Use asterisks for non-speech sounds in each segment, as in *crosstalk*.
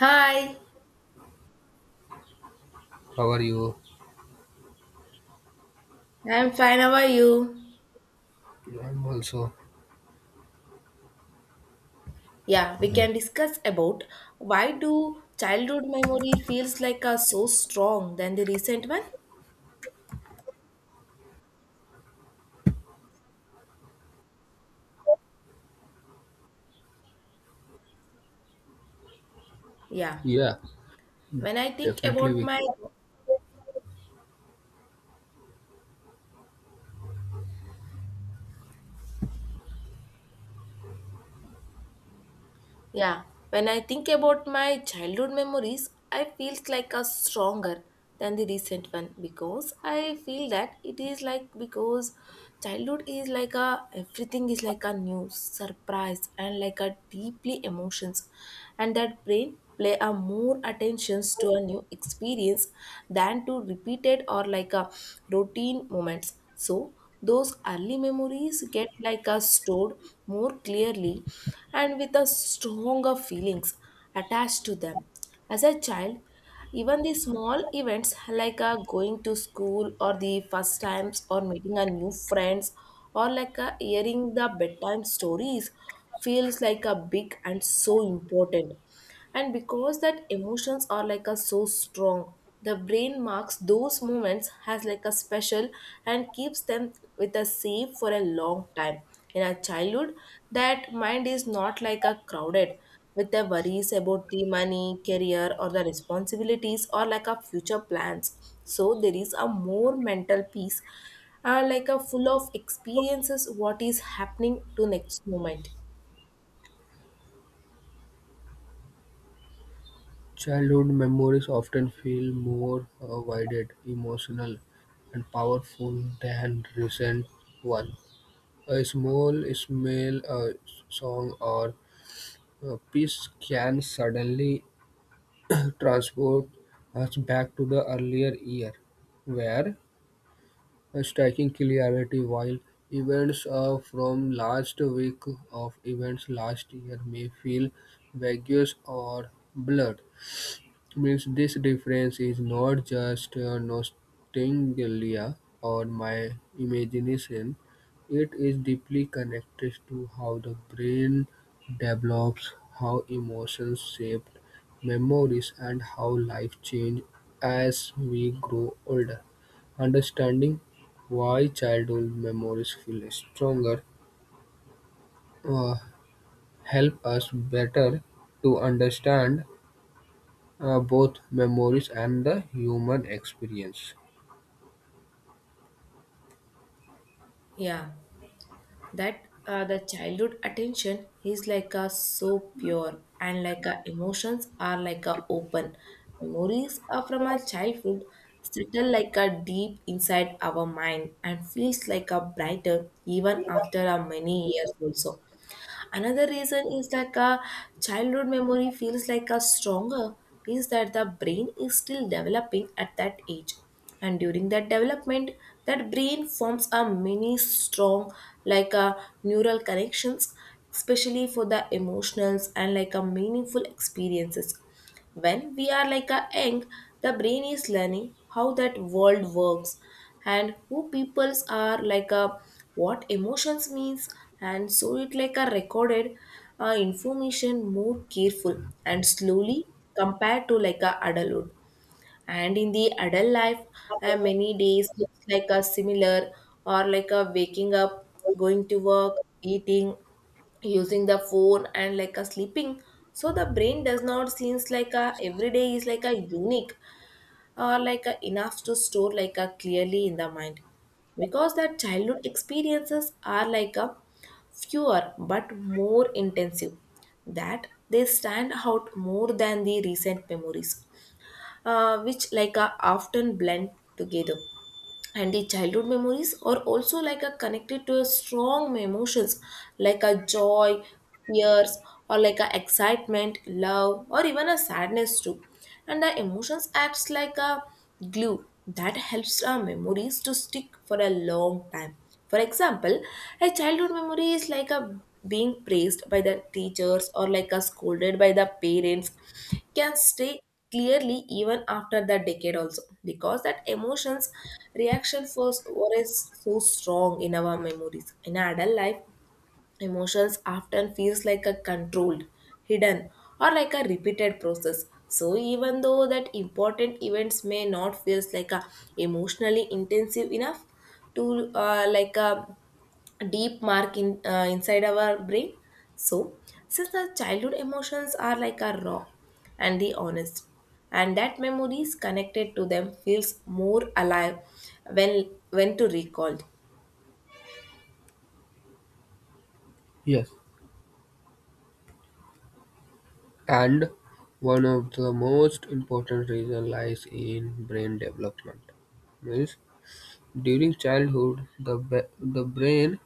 Hi, How are you? I'm fine. How are you? I'm also. Yeah, we can discuss about why do childhood memory feels like a so strong than the recent one? Yeah. Yeah, When I think definitely about we can. my Yeah, when I think about my childhood memories, I feel like a stronger than the recent one because I feel that it is like because childhood is like a everything is like a new surprise and like a deeply emotions, and that brain play a more attentions to a new experience than to repeated or like a routine moments. So those early memories get like us stored more clearly and with a stronger feelings attached to them as a child. Even the small events like going to school or the first times or meeting a new friends or like hearing the bedtime stories feels like a big and so important. And because that emotions are like a so strong, the brain marks those moments as like a special and keeps them with a safe for a long time. In our childhood, that mind is not like a crowded with the worries about the money career or the responsibilities or like a future plans, so there is a more mental peace, like a full of experiences what is happening to next moment. Childhood memories often feel more vivid, emotional, and powerful than recent one. A small smell, a song, or a piece can suddenly *clears throat* transport us back to the earlier year, where a striking clarity while events from last week of events last year may feel vague or blurred. Means this difference is not just nostalgia or my imagination, it is deeply connected to how the brain develops, how emotions shape memories, and how life changes as we grow older. Understanding why childhood memories feel stronger uh, help us better to understand both memories and the human experience. Yeah, that the childhood attention is like a so pure and like a emotions are like a open. Memories are from our childhood, settle like a deep inside our mind and feels like a brighter even after a many years also. Another reason is like a childhood memory feels like a stronger means that the brain is still developing at that age. And during that development, that brain forms a many strong like a neural connections, especially for the emotionals and like a meaningful experiences. When we are like a young, the brain is learning how that world works and who peoples are like a what emotions means, and so it like a recorded information more careful and slowly compared to like a adulthood. And in the adult life, many days looks like a similar, or like a waking up, going to work, eating, using the phone, and like a sleeping, so the brain does not seems like a every day is like a unique or like a enough to store like a clearly in the mind. Because the childhood experiences are like a fewer but more intensive, that they stand out more than the recent memories, which like a often blend together. And the childhood memories are also like a connected to a strong emotions like a joy, fears, or like a excitement, love, or even a sadness too. And the emotions acts like a glue that helps our memories to stick for a long time. For example, a childhood memory is like a being praised by the teachers or like a scolded by the parents can stay clearly even after the decade also, because that emotions reaction force was so strong in our memories. In adult life, emotions often feels like a controlled, hidden, or like a repeated process. So even though that important events may not feels like a emotionally intensive enough to like a deep mark in inside our brain. So since the childhood emotions are like a raw and the honest, and that memories connected to them feels more alive when to recalled. Yes. And one of the most important reason lies in brain development. Means during childhood, the brain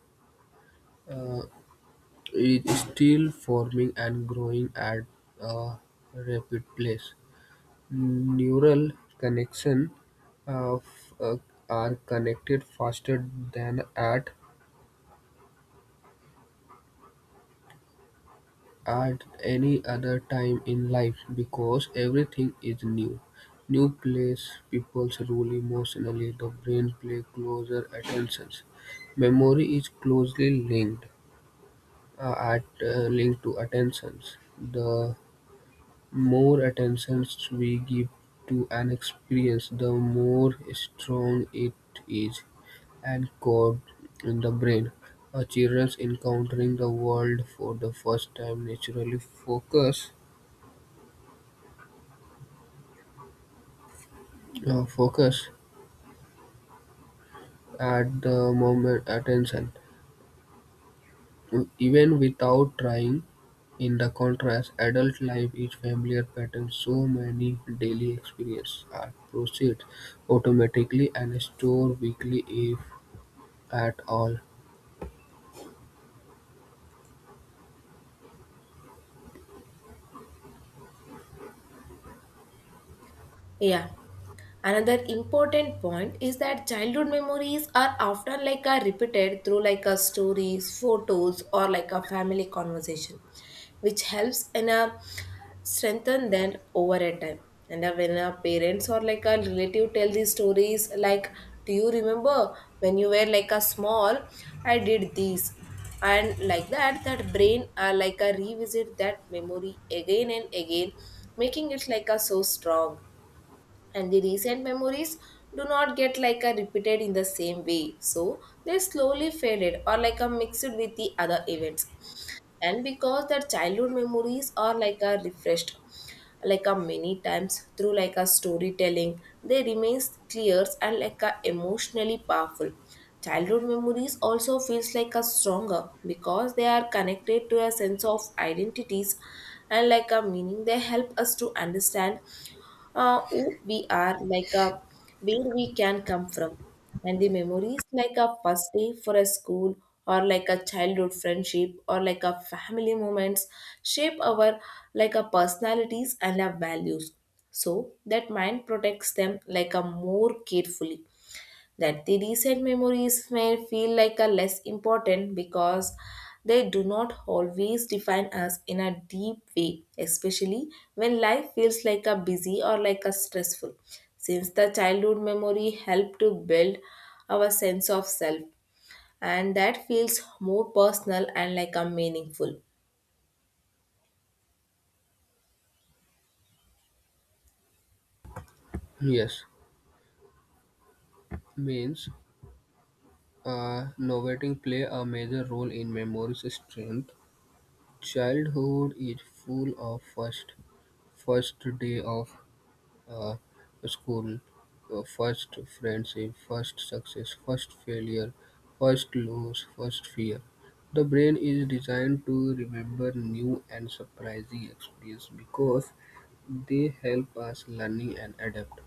uh, is still forming and growing at a rapid pace. Neural connection uh, f- uh, are connected faster than at any other time in life because everything is new. New place people's rule emotionally, the brain pay closer attentions. Memory is closely linked at linked to attentions. The more attentions we give to an experience, the more strong it is and code in the brain. A children encountering the world for the first time naturally focus at the moment attention even without trying in the contrast adult life is familiar patterns so many daily experiences are processed automatically and stored weekly if at all. Yeah. Another important point is that childhood memories are often like a repeated through like a stories, photos, or like a family conversation, which helps in a strengthen them over a time. And when our parents or like a relative tell these stories, like, do you remember when you were like a small, I did this, and like that, that brain like a revisit that memory again and again, making it like a so strong. And the recent memories do not get like a repeated in the same way, so they slowly faded or like a mixed with the other events. And because their childhood memories are like a refreshed like a many times through like a storytelling, they remains clear and like a emotionally powerful. Childhood memories also feels like a stronger because they are connected to a sense of identities and like a meaning. They help us to understand who we are, like where we can come from. And the memories like a first day for a school or like a childhood friendship or like a family moments shape our like a personalities and our values. So that mind protects them like a more carefully, that the recent memories may feel like a less important because they do not always define us in a deep way, especially when life feels like a busy or like a stressful. Since the childhood memory help to build our sense of self, and that feels more personal and like a meaningful. Yes, means novating play a major role in memory's strength. Childhood is full of first first day of uh, school, your first friendship, first success, first failure, first loss, first fear. The brain is designed to remember new and surprising experiences because they help us learning and adapt.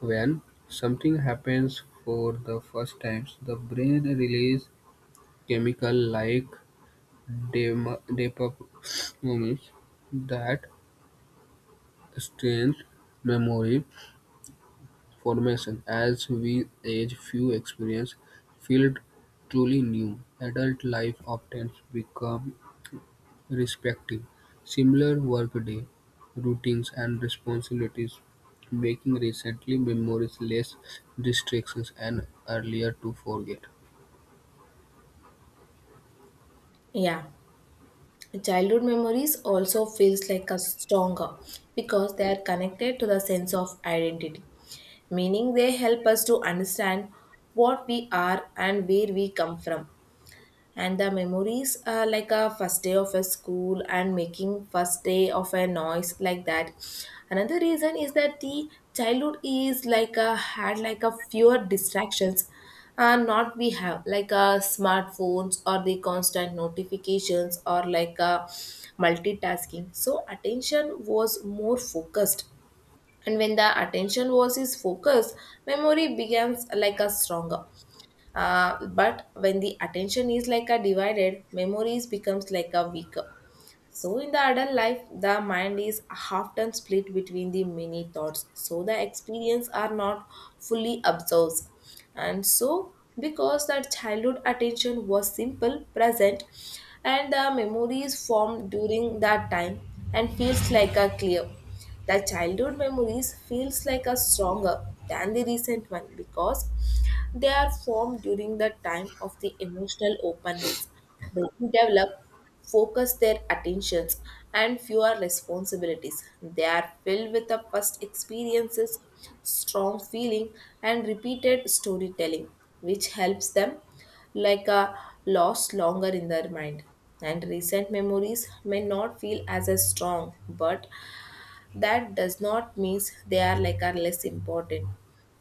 When something happens for the first time, the brain releases chemical like dopamine *sniffs* that strengthens memory formation. As we age, few experience feel truly new. Adult life often become respective. Similar workday routines and responsibilities, making recently memories less distractions and earlier to forget. Yeah. Childhood memories also feels like a stronger because they are connected to the sense of identity, meaning they help us to understand what we are and where we come from. And the memories like a first day of a school and making first day of a noise like that. Another reason is that the childhood is like a had like a fewer distractions. Uh, not we have like a smartphones or the constant notifications or like a multitasking, so attention was more focused. And when the attention was is focused, memory becomes like a stronger, but when the attention is like a divided, memories becomes like a weaker. So in the adult life, the mind is often split between the many thoughts, so the experience are not fully absorbed. And so because that childhood attention was simple, present, and the memories formed during that time and feels like a clear. The childhood memories feels like a stronger than the recent one because they are formed during the time of the emotional openness. They develop, focus their attentions, and fewer responsibilities. They are filled with the past experiences, strong feeling, and repeated storytelling, which helps them like a lost longer in their mind. And recent memories may not feel as a strong, but that does not mean they are like are less important.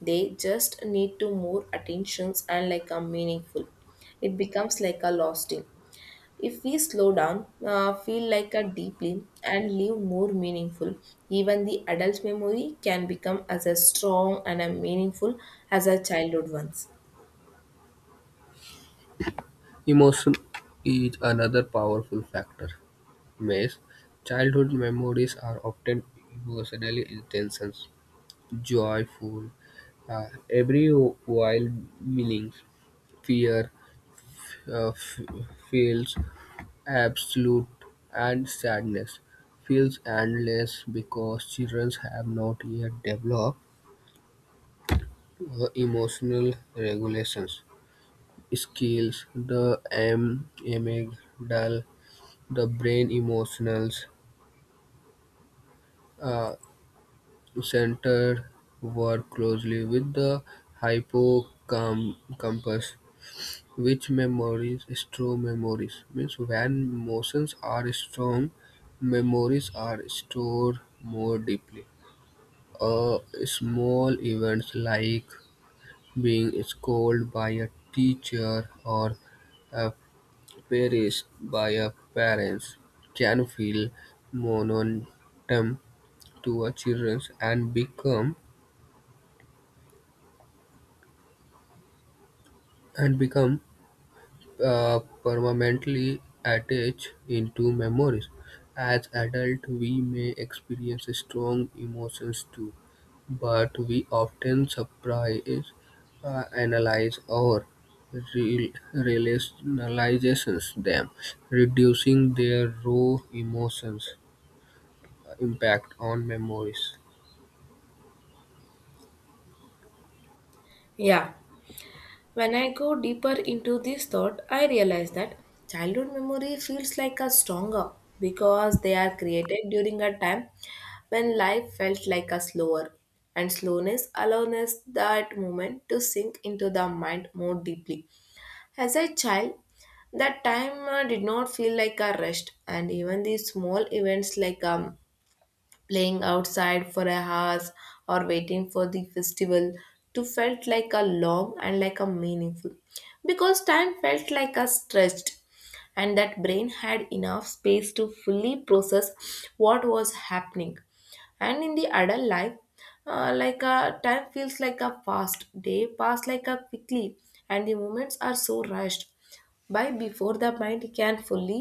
They just need to more attentions and like are meaningful. It becomes like a lost. If we slow down, feel like a deeply and live more meaningful, even the adult memory can become as a strong and a meaningful as a childhood ones. Emotion is another powerful factor. Maze childhood memories are often emotionally intense, joyful, Every while Millings' fear uh, f- feels absolute and sadness feels endless because children have not yet developed emotional regulations skills, amygdala, the brain emotional uh, center work closely with the hippocampus. Which memories "strong memories" means when emotions are strong, memories are stored more deeply. Uh, Small events like being scolded by a teacher or praised by a parents can feel momentous to a children and become permanently attached into memories. As adults, we may experience strong emotions too, but we often surprise, analyze, or rationalize them, reducing their raw emotions impact on memories. Yeah. When I go deeper into this thought, I realize that childhood memory feels like a stronger because they are created during a time when life felt like a slower, and slowness allowed us that moment to sink into the mind more deeply. As a child, that time did not feel like a rest, and even the small events like playing outside for a hours or waiting for the festival to felt like a long and like a meaningful, because time felt like a stretched and that brain had enough space to fully process what was happening. And in the adult life, like a time feels like a fast, day pass like a quickly, and the moments are so rushed by before the mind can fully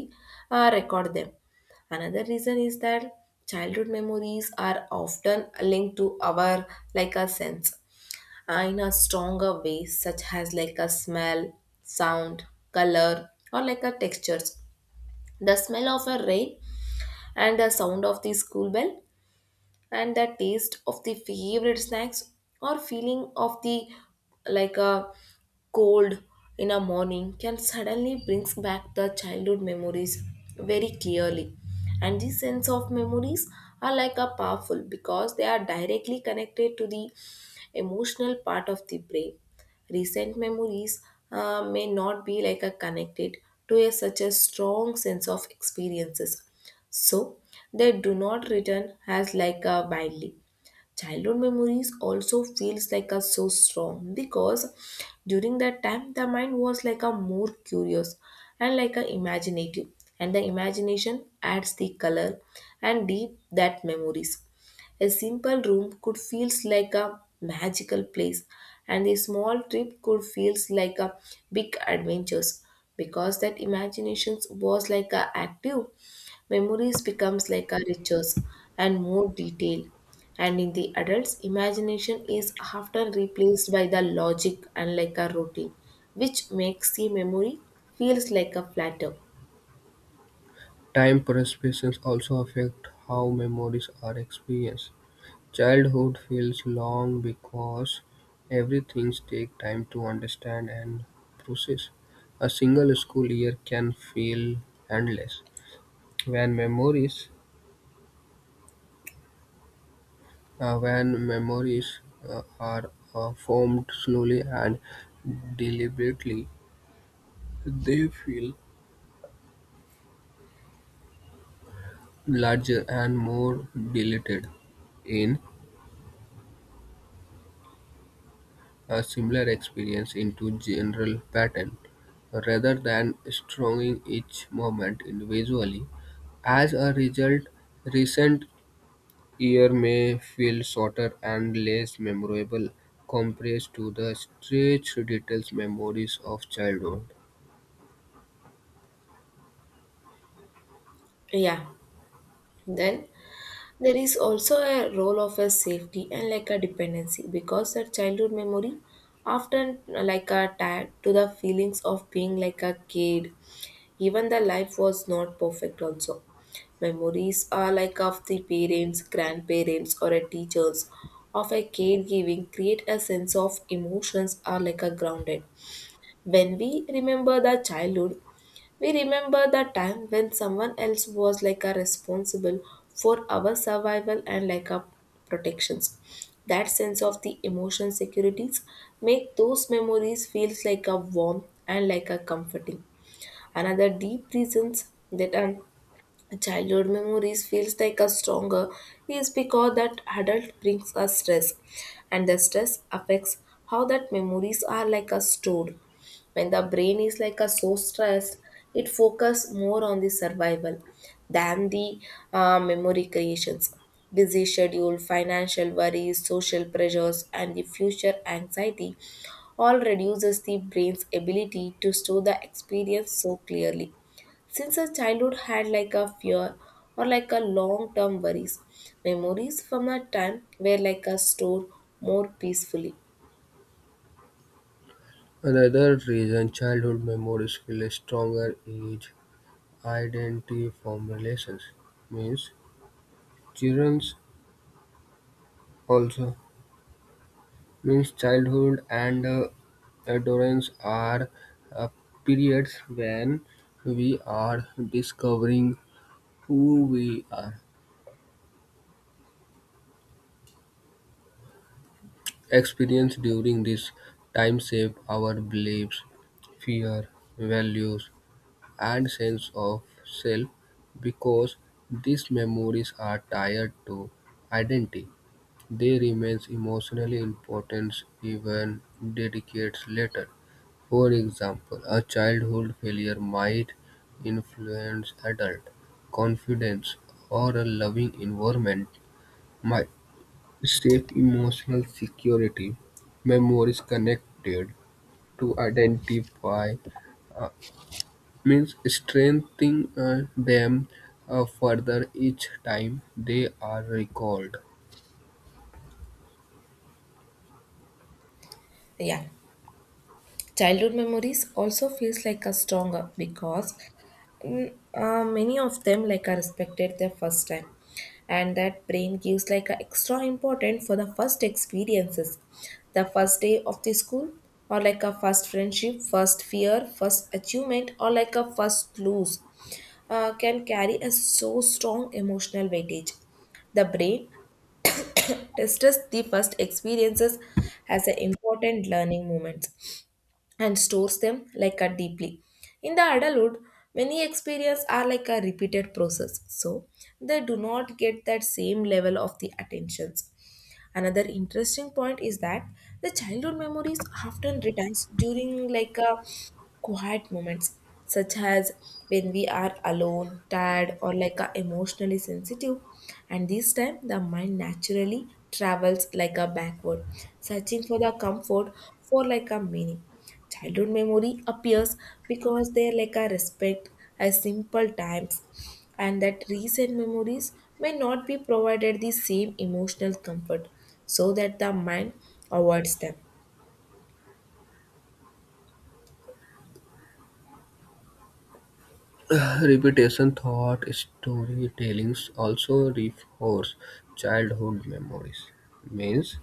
record them. Another reason is that childhood memories are often linked to our like a sense in a stronger way, such as like a smell, sound, color, or like a textures. The smell of a rain and the sound of the school bell and the taste of the favorite snacks or feeling of the like a cold in a morning can suddenly brings back the childhood memories very clearly. And these sense of memories are like a powerful because they are directly connected to the emotional part of the brain. Recent memories may not be like a connected to a such a strong sense of experiences, so they do not return as like a widely. Childhood memories also feels like a so strong because during that time the mind was like a more curious and like a imaginative, and the imagination adds the color and deep that memories. A simple room could feels like a magical place, and a small trip could feels like a big adventures because that imaginations was like a active. Memories becomes like a riches and more detail. And in the adults, imagination is often replaced by the logic and like a routine, which makes the memory feels like a flatter. Time perceptions also affect how memories are experienced. Childhood feels long because everything takes time to understand and process. A single school year can feel endless when memories uh, are formed slowly and deliberately. They feel larger and more dilated. In a similar experience into general pattern, rather than stronging each moment individually. As a result, recent year may feel shorter and less memorable compared to the stretched details memories of childhood. Yeah. Then there is also a role of a safety and like a dependency, because a childhood memory often like a tied to the feelings of being like a kid. Even the life was not perfect also. Memories are like of the parents, grandparents or a teachers of a caregiving create a sense of emotions are like a grounded. When we remember the childhood, we remember the time when someone else was like a responsible for our survival and like a protections. That sense of the emotion securities make those memories feels like a warm and like a comforting. Another deep reasons that are childhood memories feels like a stronger is because that adult brings us stress, and the stress affects how that memories are like a stored. When the brain is like a so stressed, it focus more on the survival than the memory creations. Busy schedule, financial worries, social pressures, and the future anxiety all reduces the brain's ability to store the experience so clearly. Since our childhood had like a fear or like a long term worries, memories from our time were like a stored more peacefully. Another reason childhood memories feel stronger is identity formulations. Means children also means childhood and adolescence are uh, periods when we are discovering who we are. Experience during this time shape our beliefs, fear, values, and sense of self because these memories are tied to identity. They remain emotionally important even decades later. For example, a childhood failure might influence adult confidence, or a loving environment might shape emotional security. Memories connected to identify uh, means strengthening them further each time they are recalled. Yeah. Childhood memories also feels like a stronger because many of them like are respected their first time, and that brain gives like a extra important for the first experiences. The first day of the school or like a first friendship, first fear, first achievement, or like a first lose can carry a so strong emotional weightage. The brain registers the first experiences as an important learning moments and stores them like a deeply. In the adulthood, many experiences are like a repeated process, so they do not get that same level of the attentions. Another interesting point is that the childhood memories often returns during like a quiet moments, such as when we are alone, tired, or like a emotionally sensitive. And this time, the mind naturally travels like a backward, searching for the comfort for like a meaning. Childhood memory appears because they like a respect as simple times, and that recent memories may not be provided the same emotional comfort, so that the mind avoids them. *sighs* Repetition, thought, storytellings also reinforce childhood memories. Means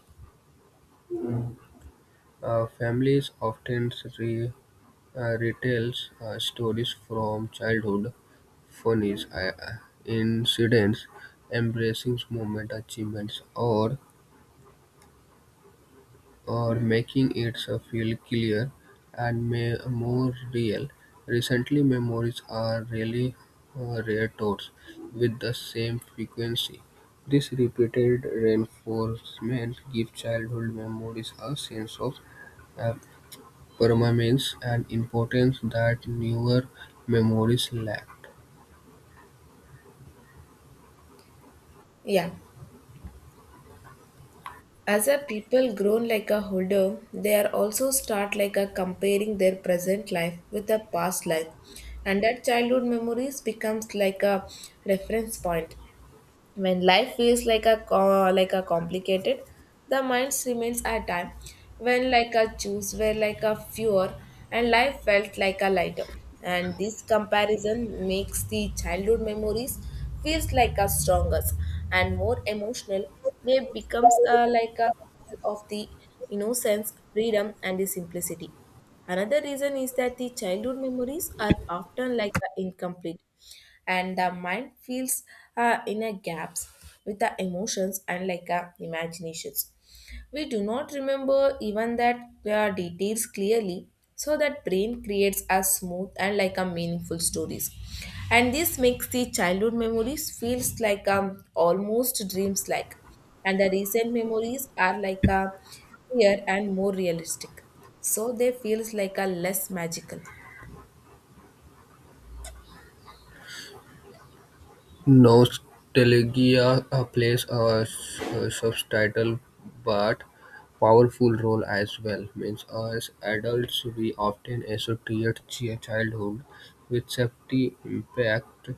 Families often re- retell stories from childhood, funny incidents, embracing moment achievements, or making it feel clear and may, more real. Recently, memories are really rare with the same frequency. This repeated reinforcement gives childhood memories a sense of uh, permanence and importance that newer memories lacked. Yeah. As a people grown like a holder, they are also start like a comparing their present life with the past life. And that childhood memories becomes like a reference point. When life feels like a like a complicated, the mind remains at time when like a choose were like a fewer and life felt like a lighter. And this comparison makes the childhood memories feels like a stronger and more emotional. They becomes like a symbol of the innocence, freedom, and the simplicity. Another reason is that the childhood memories are often like a incomplete, and the mind feels inner gaps with the emotions and imaginations. We do not remember even that details clearly, so that brain creates a smooth and like a meaningful stories. And this makes the childhood memories feels like almost dreams like, and the recent memories are like a clear and more realistic. So they feels like a less magical. Nostalgia plays a substantial but powerful role as well. Means as adults, we often associate childhood with safety, impact,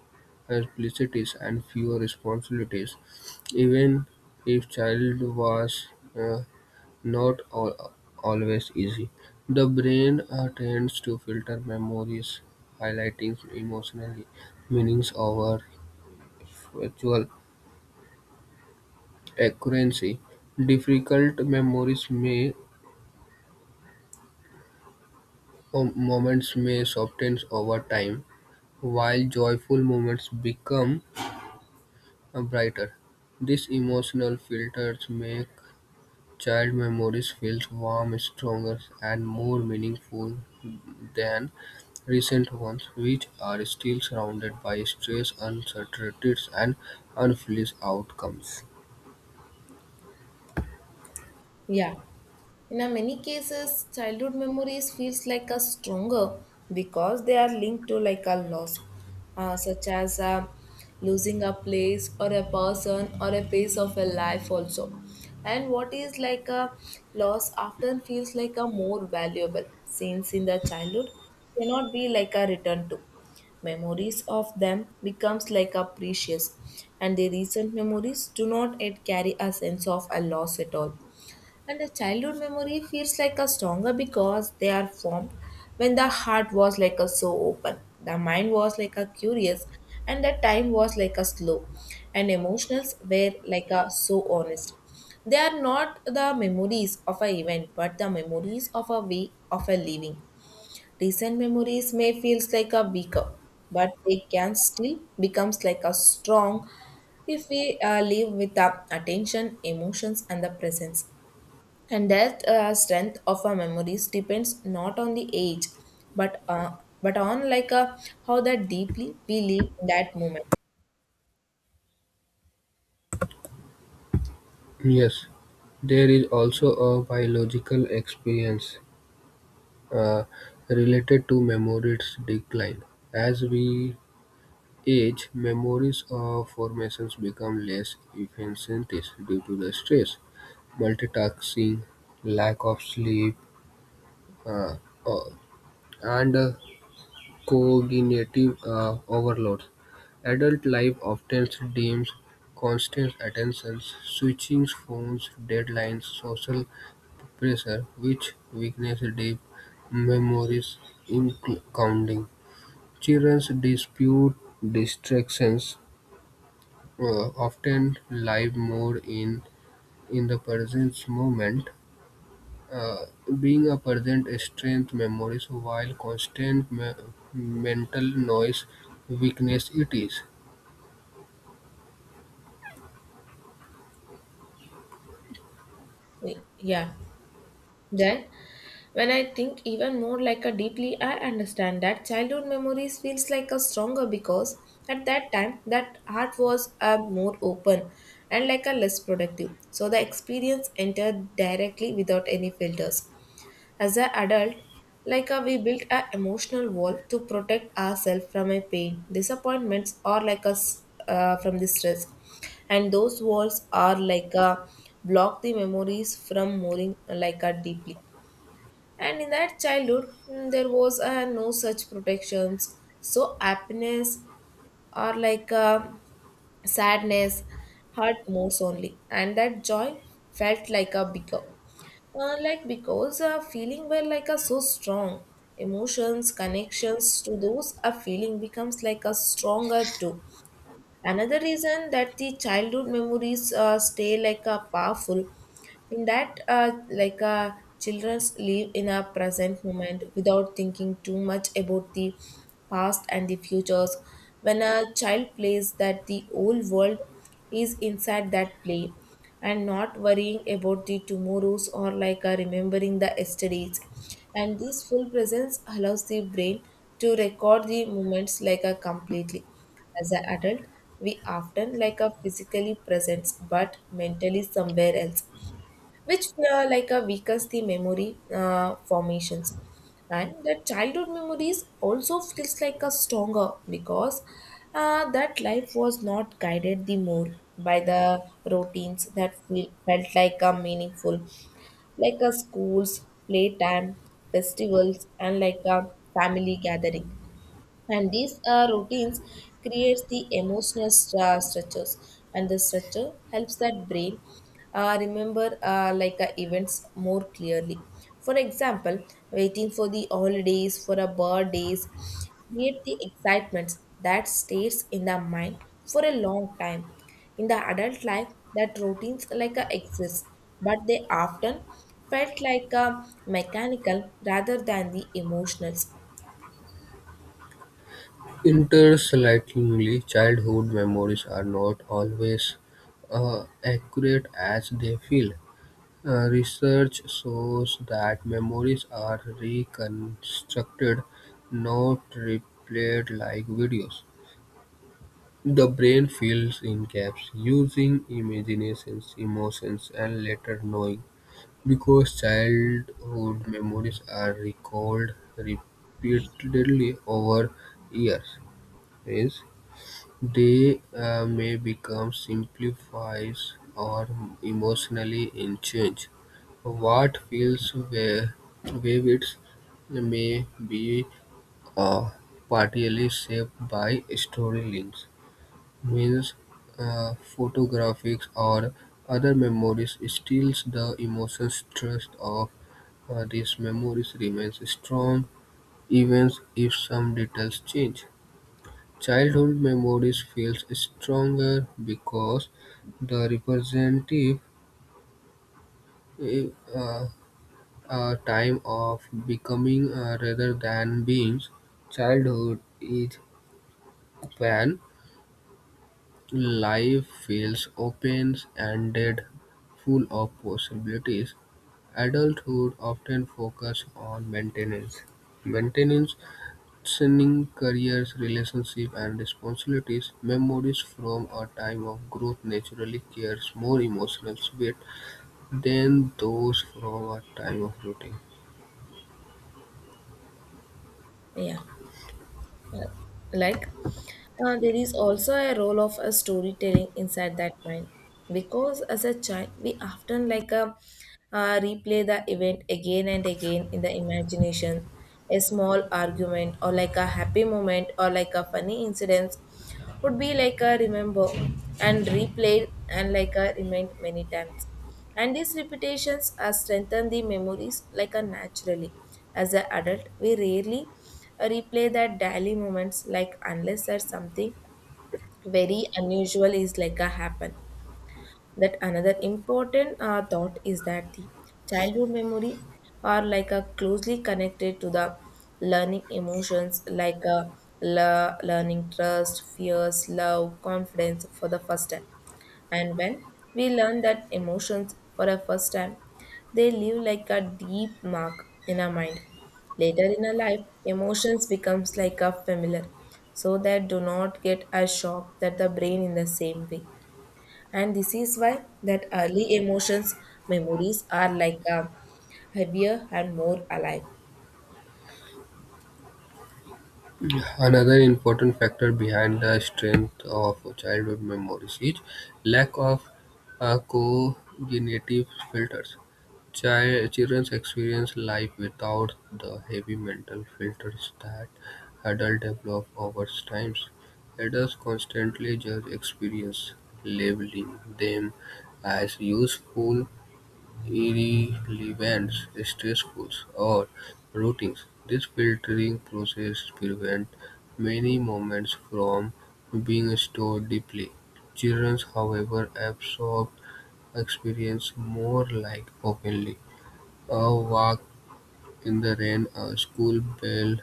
simplicities, and fewer responsibilities. Even if child was uh, Not al- always easy, the brain tends to filter memories, highlighting emotional meanings over factual accuracy. Difficult memories may or moments may soften over time, while joyful moments become brighter. These emotional filters make child memories feel warm, stronger, and more meaningful than recent ones, which are still surrounded by stress, uncertainties, and unfulfilled outcomes. Yeah. In a many cases, childhood memories feels like a stronger because they are linked to like a loss, such as losing a place or a person or a phase of a life also. And what is like a loss often feels like a more valuable, since in the childhood cannot be like a return to. Memories of them becomes like a precious, and the recent memories do not yet carry a sense of a loss at all. And the childhood memory feels like a stronger because they are formed when the heart was like a so open, the mind was like a curious, and the time was like a slow, and emotions were like a so honest. They are not the memories of a event, but the memories of a way of a living. Recent memories may feels like a weaker, but they can still becomes like a strong if we live with the attention, emotions, and the presence. And that strength of our memories depends not on the age, but on how that deeply we live in that moment. Yes, there is also a biological experience uh, related to memories decline. As we age, memories or formations become less efficient due to the stress, multitasking, lack of sleep, uh, uh, and cognitive overload. Adult life often demands constant attention, switching phones, deadlines, social pressure, which weakens deep memories, including children dispute distractions, often live more in the present moment uh, being a present strength memory, so while constant mental noise weakness it is. Yeah. Then, when I think even more like a deeply, I understand that childhood memories feels like a stronger because at that time that heart was more open and like a less productive. So the experience entered directly without any filters. As an adult, we built an emotional wall to protect ourselves from a pain, disappointments, or like us from the stress. And those walls are like a block the memories from moving like a deeply. And in that childhood, there was no such protections. So happiness or sadness hurt most only, and that joy felt like a bigger. Like because feeling were like a so strong, emotions connections to those a feeling becomes like a stronger too. Another reason that the childhood memories stay like a powerful in that children live in a present moment without thinking too much about the past and the futures. When a child plays, that the whole world is inside that play and not worrying about the tomorrows or remembering the yesterdays. And this full presence allows the brain to record the moments like a completely. As an adult, we often like a physically present but mentally somewhere else, which weakens the memory formations. And the childhood memories also feels like a stronger because that life was not guided the more by the routines that felt like a meaningful, like a schools, playtime, festivals, and like a family gathering. And these routines creates the emotional structures, and the structure helps that brain remember events more clearly. For example, waiting for the holidays for a birthdays create the excitements that stays in the mind for a long time. In the adult life, that routines exist, but they often felt mechanical rather than the emotional. Interslingingly, childhood memories are not always accurate as they feel. Research shows that memories are reconstructed, not replayed like videos. The brain fills in gaps using imaginations, emotions, and later knowing. Because childhood memories are recalled repeatedly over years, is they may become simplified or emotionally unchanged. What feels vivid may be uh, partially shaped by story links, means photographics or other memories steals the emotional stress of these memories remain strong even if some details change. Childhood memories feels stronger because the representative uh, a time of becoming rather than being. Childhood is when life feels open ended, full of possibilities. Adulthood often focus on maintenance. Maintenance concerning careers, relationships, and responsibilities, memories from a time of growth naturally carries more emotional weight than those from a time of routine. Yeah. like there is also a role of a storytelling inside that mind, because as a child we often replay the event again and again in the imagination. A small argument or like a happy moment or like a funny incident would be like a remember and replayed and like a remind many times, and these repetitions are strengthen the memories like a naturally. As an adult, we rarely replay that daily moments like unless there's something very unusual is like a happen. That another important thought is that the childhood memory are like a closely connected to the learning emotions, like a learning trust, fears, love, confidence for the first time. And when we learn that emotions for the first time, they leave like a deep mark in our mind. Later in our life, emotions becomes like a familiar, so that do not get a shock that the brain in the same way. And this is why that early emotions memories are like a heavier and more alive. Another important factor behind the strength of childhood memories is lack of cognitive filters. Children experience life without the heavy mental filters that adults develop over time. Adults constantly judge experiences, labeling them as useful, irrelevant, stressful, or routines. This filtering process prevents many moments from being stored deeply. Children, however, absorb experience more like openly a walk in the rain, a school bell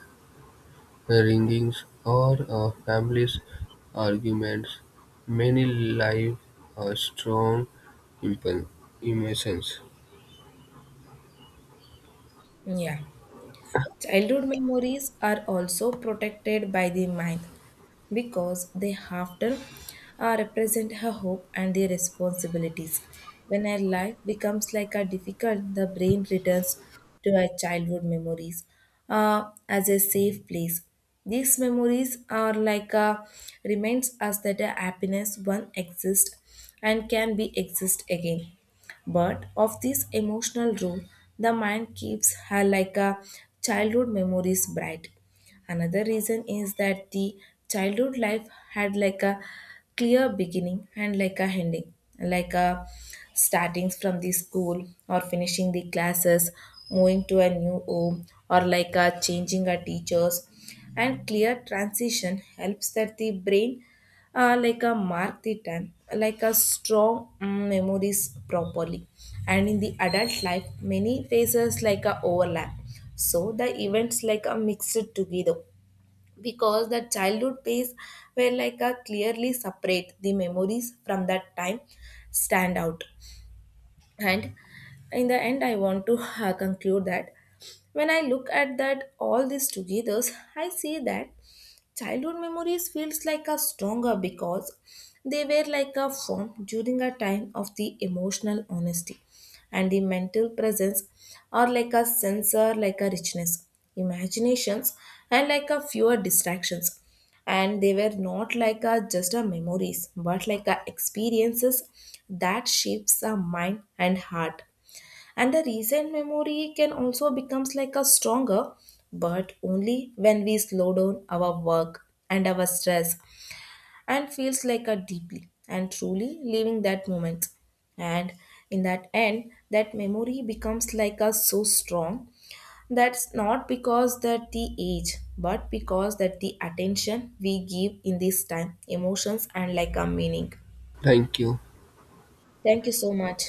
ringings, or a family's arguments. Many live a strong impen- emotions. Yeah. Childhood memories are also protected by the mind because they often represent her hope and the responsibilities. When her life becomes like a difficult, the brain returns to her childhood memories as a safe place. These memories are like a reminds us that a happiness one exists and can be exist again. But of this emotional role, the mind keeps her like a childhood memories bright. Another reason is that the childhood life had like a clear beginning and like a ending, like a startings from the school or finishing the classes, moving to a new home or like a changing a teachers. And clear transition helps that the brain like a mark the time, like a strong memories properly. And in the adult life, many phases like a overlap, so the events like are mixed together. Because the childhood phase were like a clearly separate, the memories from that time stand out. And in the end, I want to conclude that when I look at that all this together, I see that childhood memories feels like a stronger because they were like a form during a time of the emotional honesty and the mental presence, are like a sensor like a richness, imaginations, and like a fewer distractions. And they were not like a just a memories but like a experiences that shapes a mind and heart. And the recent memory can also becomes like a stronger, but only when we slow down our work and our stress and feels like a deeply and truly living that moment. And in that end that memory becomes like a so strong, that's not because that the age but because that the attention we give in this time, emotions, and like a meaning. Thank you. Thank you so much.